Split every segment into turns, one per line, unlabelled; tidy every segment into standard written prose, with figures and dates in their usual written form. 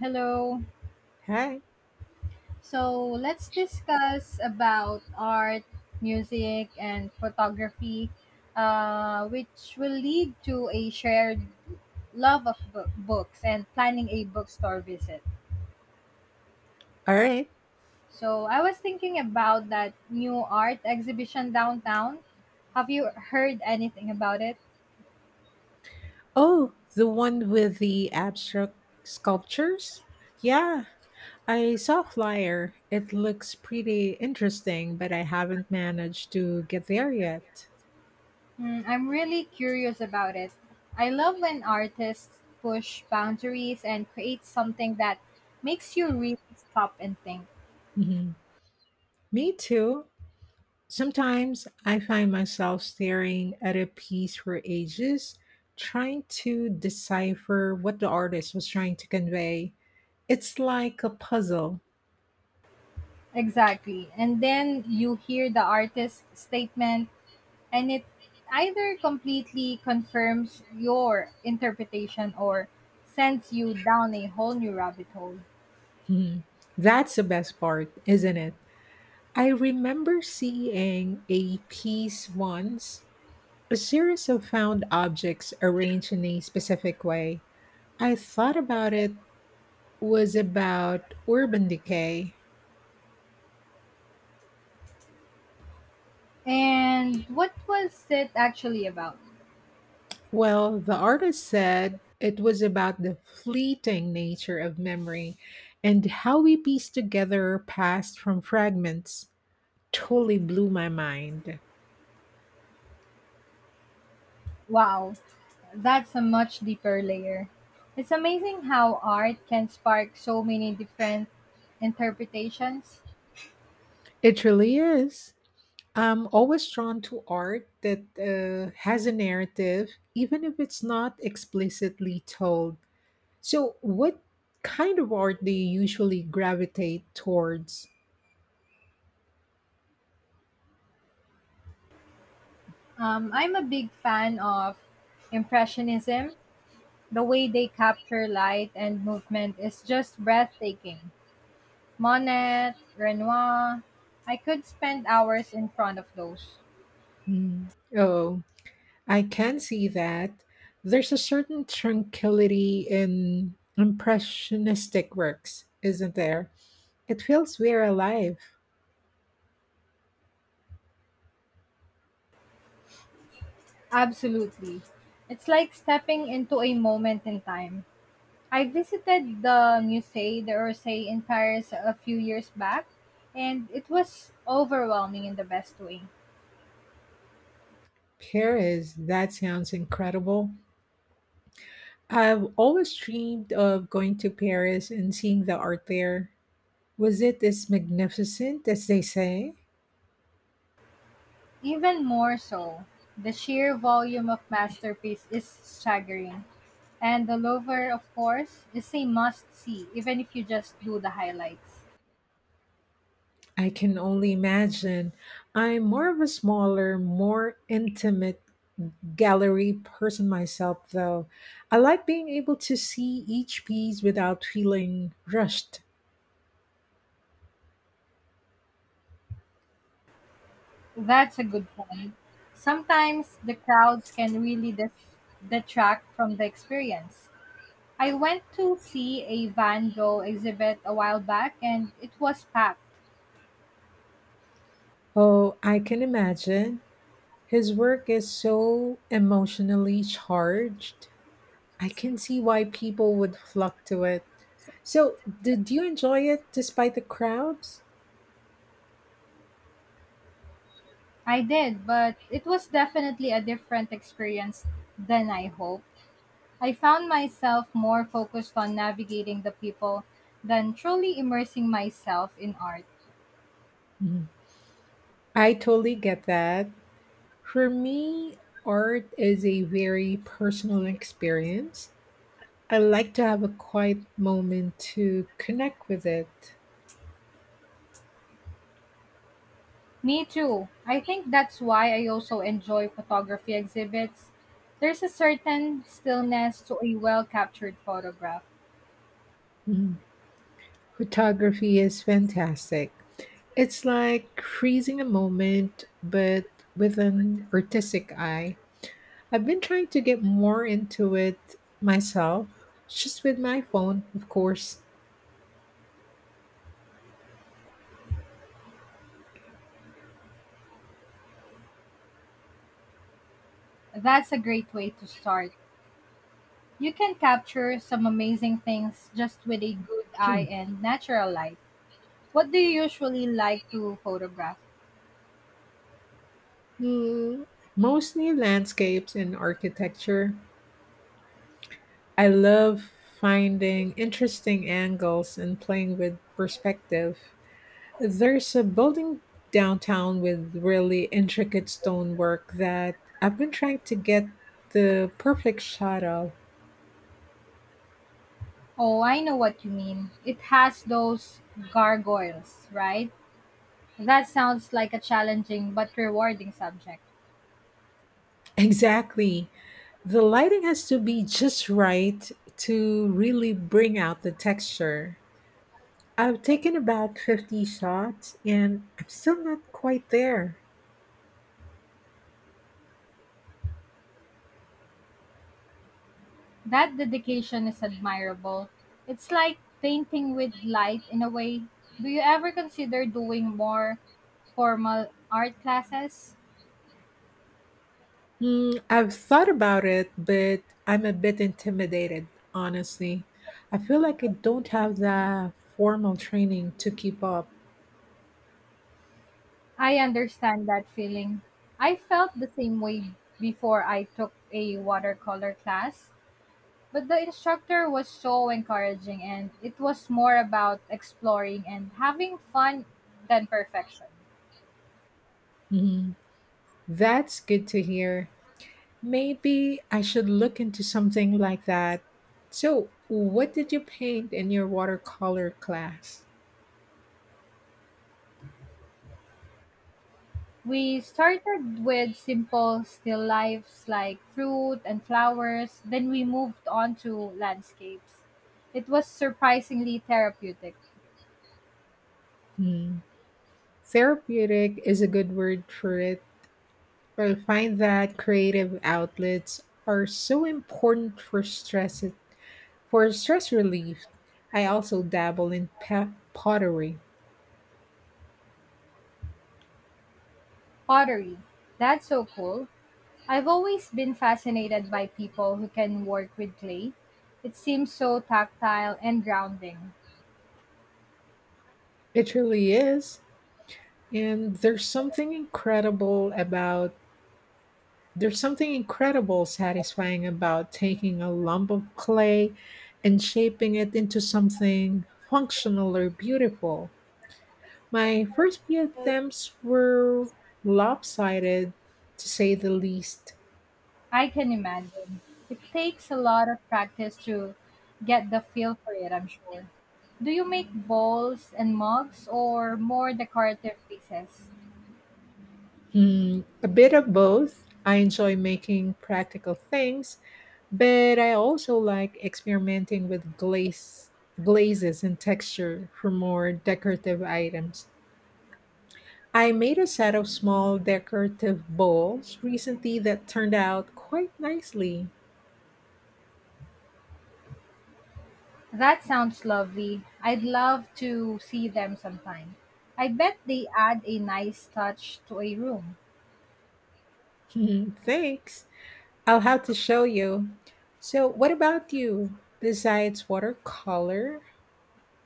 Hello.
Hi.
So let's discuss about art, music, and photography, which will lead to a shared love of books and planning a bookstore visit.
All right.
So I was thinking about that new art exhibition downtown. Have you heard anything about it?
Oh, the one with the abstract sculptures? Yeah, I saw a flyer. It looks pretty interesting, but I haven't managed to get there yet.
Mm, I'm really curious about it. I love when artists push boundaries and create something that makes you really stop and think.
Mhm. Me too. Sometimes I find myself staring at a piece for ages, trying to decipher what the artist was trying to convey. It's like a puzzle.
Exactly. And then you hear the artist's statement, and it either completely confirms your interpretation or sends you down a whole new rabbit hole.
Mhm. That's the best part, isn't it? I remember seeing a piece once, a series of found objects arranged in a specific way. I thought about it was about urban decay.
And what was it actually about?
Well, the artist said it was about the fleeting nature of memory and how we piece together past from fragments. Totally blew my mind.
Wow, that's a much deeper layer. It's amazing how art can spark so many different interpretations.
It really is. I'm always drawn to art that has a narrative, even if it's not explicitly told. So, what kind of art do you usually gravitate towards?
I'm a big fan of Impressionism. The way they capture light and movement is just breathtaking. Monet, Renoir, I could spend hours in front of those.
Hmm. Oh, I can see that. There's a certain tranquility in impressionistic works, isn't there? It feels very alive.
Absolutely. It's like stepping into a moment in time. I visited the Musée d'Orsay in Paris a few years back, and it was overwhelming in the best way.
Paris, that sounds incredible. I've always dreamed of going to Paris and seeing the art there. Was it as magnificent as they say?
Even more so, the sheer volume of masterpiece is staggering. And the Louvre, of course, is a must see, even if you just do the highlights.
I can only imagine. I'm more of a smaller, more intimate gallery person myself, though. I like being able to see each piece without feeling rushed.
That's a good point. Sometimes the crowds can really detract from the experience. I went to see a Van Gogh exhibit a while back and it was packed.
Oh, I can imagine. His work is so emotionally charged. I can see why people would flock to it. So, did you enjoy it despite the crowds?
I did, but it was definitely a different experience than I hoped. I found myself more focused on navigating the people than truly immersing myself in art.
Mhm. I totally get that. For me, art is a very personal experience. I like to have a quiet moment to connect with it.
Me too. I think that's why I also enjoy photography exhibits. There's a certain stillness to a well captured photograph.
Mm. Photography is fantastic. It's like freezing a moment, but with an artistic eye. I've been trying to get more into it myself, just with my phone, of course.
That's a great way to start. You can capture some amazing things just with a good eye and natural light. What do you usually like to photograph?
Mm, mostly landscapes and architecture. I love finding interesting angles and playing with perspective. There's a building downtown with really intricate stonework that I've been trying to get the perfect shot of.
Oh, I know what you mean. It has those gargoyles, right? That sounds like a challenging but rewarding subject.
Exactly. The lighting has to be just right to really bring out the texture. I've taken about 50 shots and I'm still not quite there.
That dedication is admirable. It's like painting with light in a way. Do you ever consider doing more formal art classes?
Mm, I've thought about it, but I'm a bit intimidated, honestly. I feel like I don't have the formal training to keep up.
I understand that feeling. I felt the same way before I took a watercolor class, but the instructor was so encouraging and it was more about exploring and having fun than perfection.
Mhm. That's good to hear. Maybe I should look into something like that. So, what did you paint in your watercolor class?
We started with simple still lifes like fruit and flowers, then we moved on to landscapes. It was surprisingly therapeutic.
Hmm. Therapeutic is a good word for it. I find that creative outlets are so important for stress relief, I also dabble in pottery.
Pottery. That's so cool. I've always been fascinated by people who can work with clay. It seems so tactile and grounding.
It really is. And there's something incredible satisfying about taking a lump of clay and shaping it into something functional or beautiful. My first few attempts were lopsided, to say the least.
I can imagine. It takes a lot of practice to get the feel for it, I'm sure. Do you make bowls and mugs or more decorative pieces?
Hmm, a bit of both. I enjoy making practical things, but I also like experimenting with glazes and texture for more decorative items. I made a set of small decorative bowls recently that turned out quite nicely.
That sounds lovely. I'd love to see them sometime. I bet they add a nice touch to a room.
Thanks. I'll have to show you. So, what about you? Besides watercolor,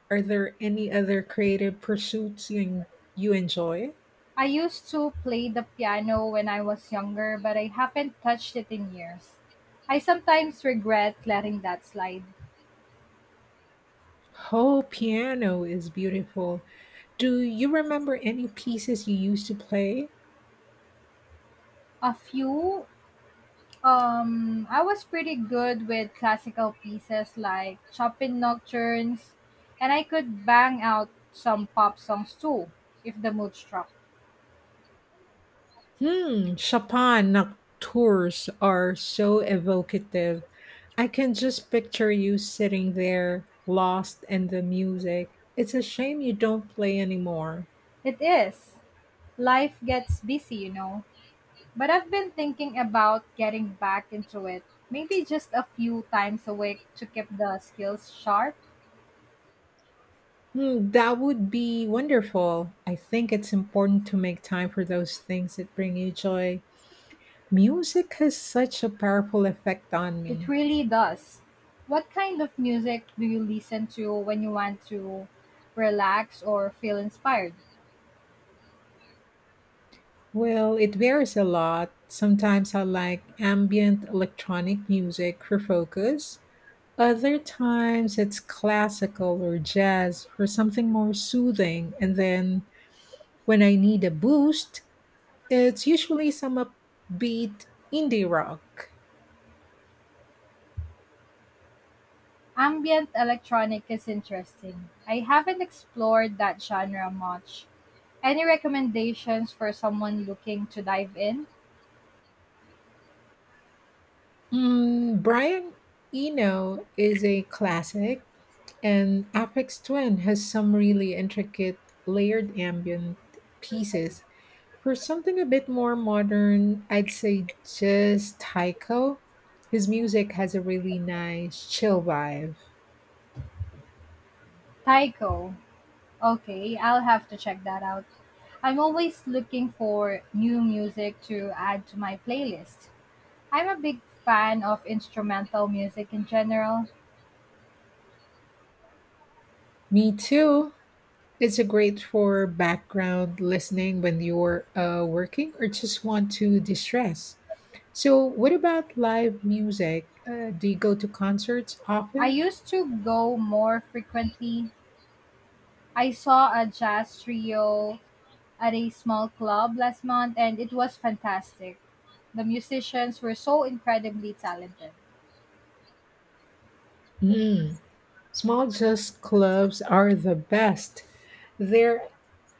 are there any other creative pursuits you enjoy?
I used to play the piano when I was younger, but I haven't touched it in years. I sometimes regret letting that slide.
Whole piano is beautiful. Do you remember any pieces you used to play?
A few. I was pretty good with classical pieces like Chopin nocturnes, and I could bang out some pop songs too if the mood struck.
Hmm, Chopin nocturnes are so evocative. I can just picture you sitting there, lost in the music. It's a shame you don't play anymore.
It is. Life gets busy, you know. But I've been thinking about getting back into it. Maybe just a few times a week to keep the skills sharp.
Hmm, that would be wonderful. I think it's important to make time for those things that bring you joy. Music has such a powerful effect on
It
me.
really does. What kind of music do you listen to when you want to relax or feel inspired?
Well, it varies a lot. Sometimes I like ambient electronic music for focus. Other times it's classical or jazz for something more soothing. And then when I need a boost, it's usually some upbeat indie rock.
Ambient electronic is interesting. I haven't explored that genre much. Any recommendations for someone looking to dive in?
Mm, Brian Eno is a classic, and Aphex Twin has some really intricate layered ambient pieces. For something a bit more modern, I'd say just Taiko. His music has a really nice chill vibe.
Taiko. Okay, I'll have to check that out. I'm always looking for new music to add to my playlist. I'm a big fan of instrumental music in general.
Me too. It's a great for background listening when you're working or just want to distress. So, what about live music? Do you go to concerts
I
often?
used to go more frequently. I saw a jazz trio at a small club last month and it was fantastic. The musicians were so incredibly talented.
Mm. Small just clubs are the best. They're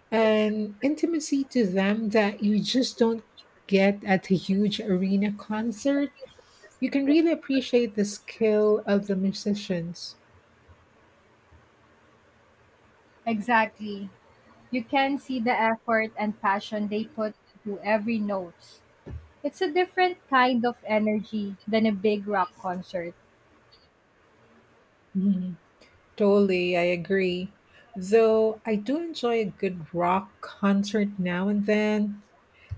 an intimacy to them that you just don't get at a huge arena concert. You can really appreciate the skill of the musicians.
Exactly. You can see the effort and passion they put to every note. It's a different kind of energy than a big rock concert.
Mhm. Totally, I agree. Though I do enjoy a good rock concert now and then,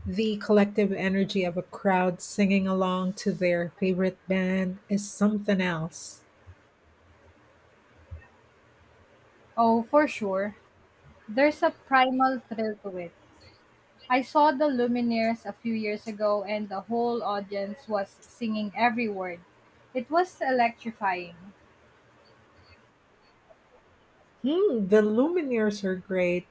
the collective energy of a crowd singing along to their favorite band is something else.
Oh, for sure. There's a primal thrill to it. I saw the Lumineers a few years ago and the whole audience was singing every word. It was electrifying.
Hmm, the Lumineers are great.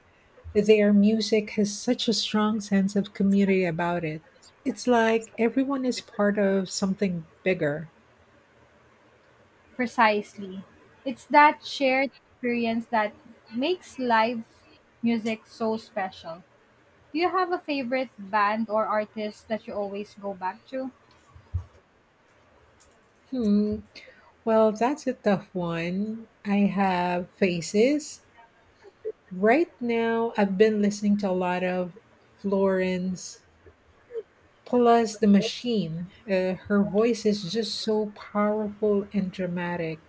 Their music has such a strong sense of community about it. It's like everyone is part of something bigger.
Precisely. It's that shared experience that makes live music so special. Do you have a favorite band or artist that you always go back to?
Hmm. Well, that's a tough one. I have Faces. Right now, I've been listening to a lot of Florence plus The Machine. Her voice is just so powerful and dramatic.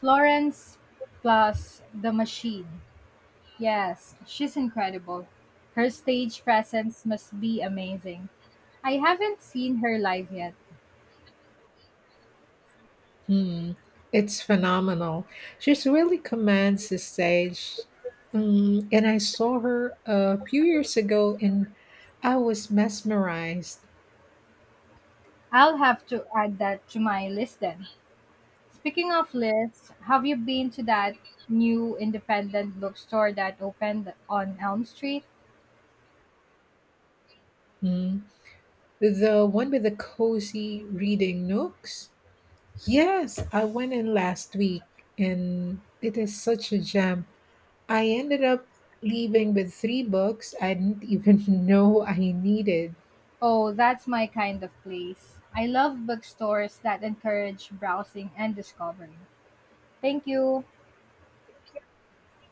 Florence plus The Machine. Yes, she's incredible. Her stage presence must be amazing. I haven't seen her live yet.
Hmm, it's phenomenal. She's really commands the stage. Mm, and I saw her a few years ago and I was mesmerized.
I'll have to add that to my list then. Speaking of lists, have you been to that new independent bookstore that opened on Elm Street?
Mm, the one with the cozy reading nooks? Yes, I went in last week and it is such a gem. I ended up leaving with three books I didn't even know I needed.
Oh, that's my kind of place. I love bookstores that encourage browsing and discovery. Thank you.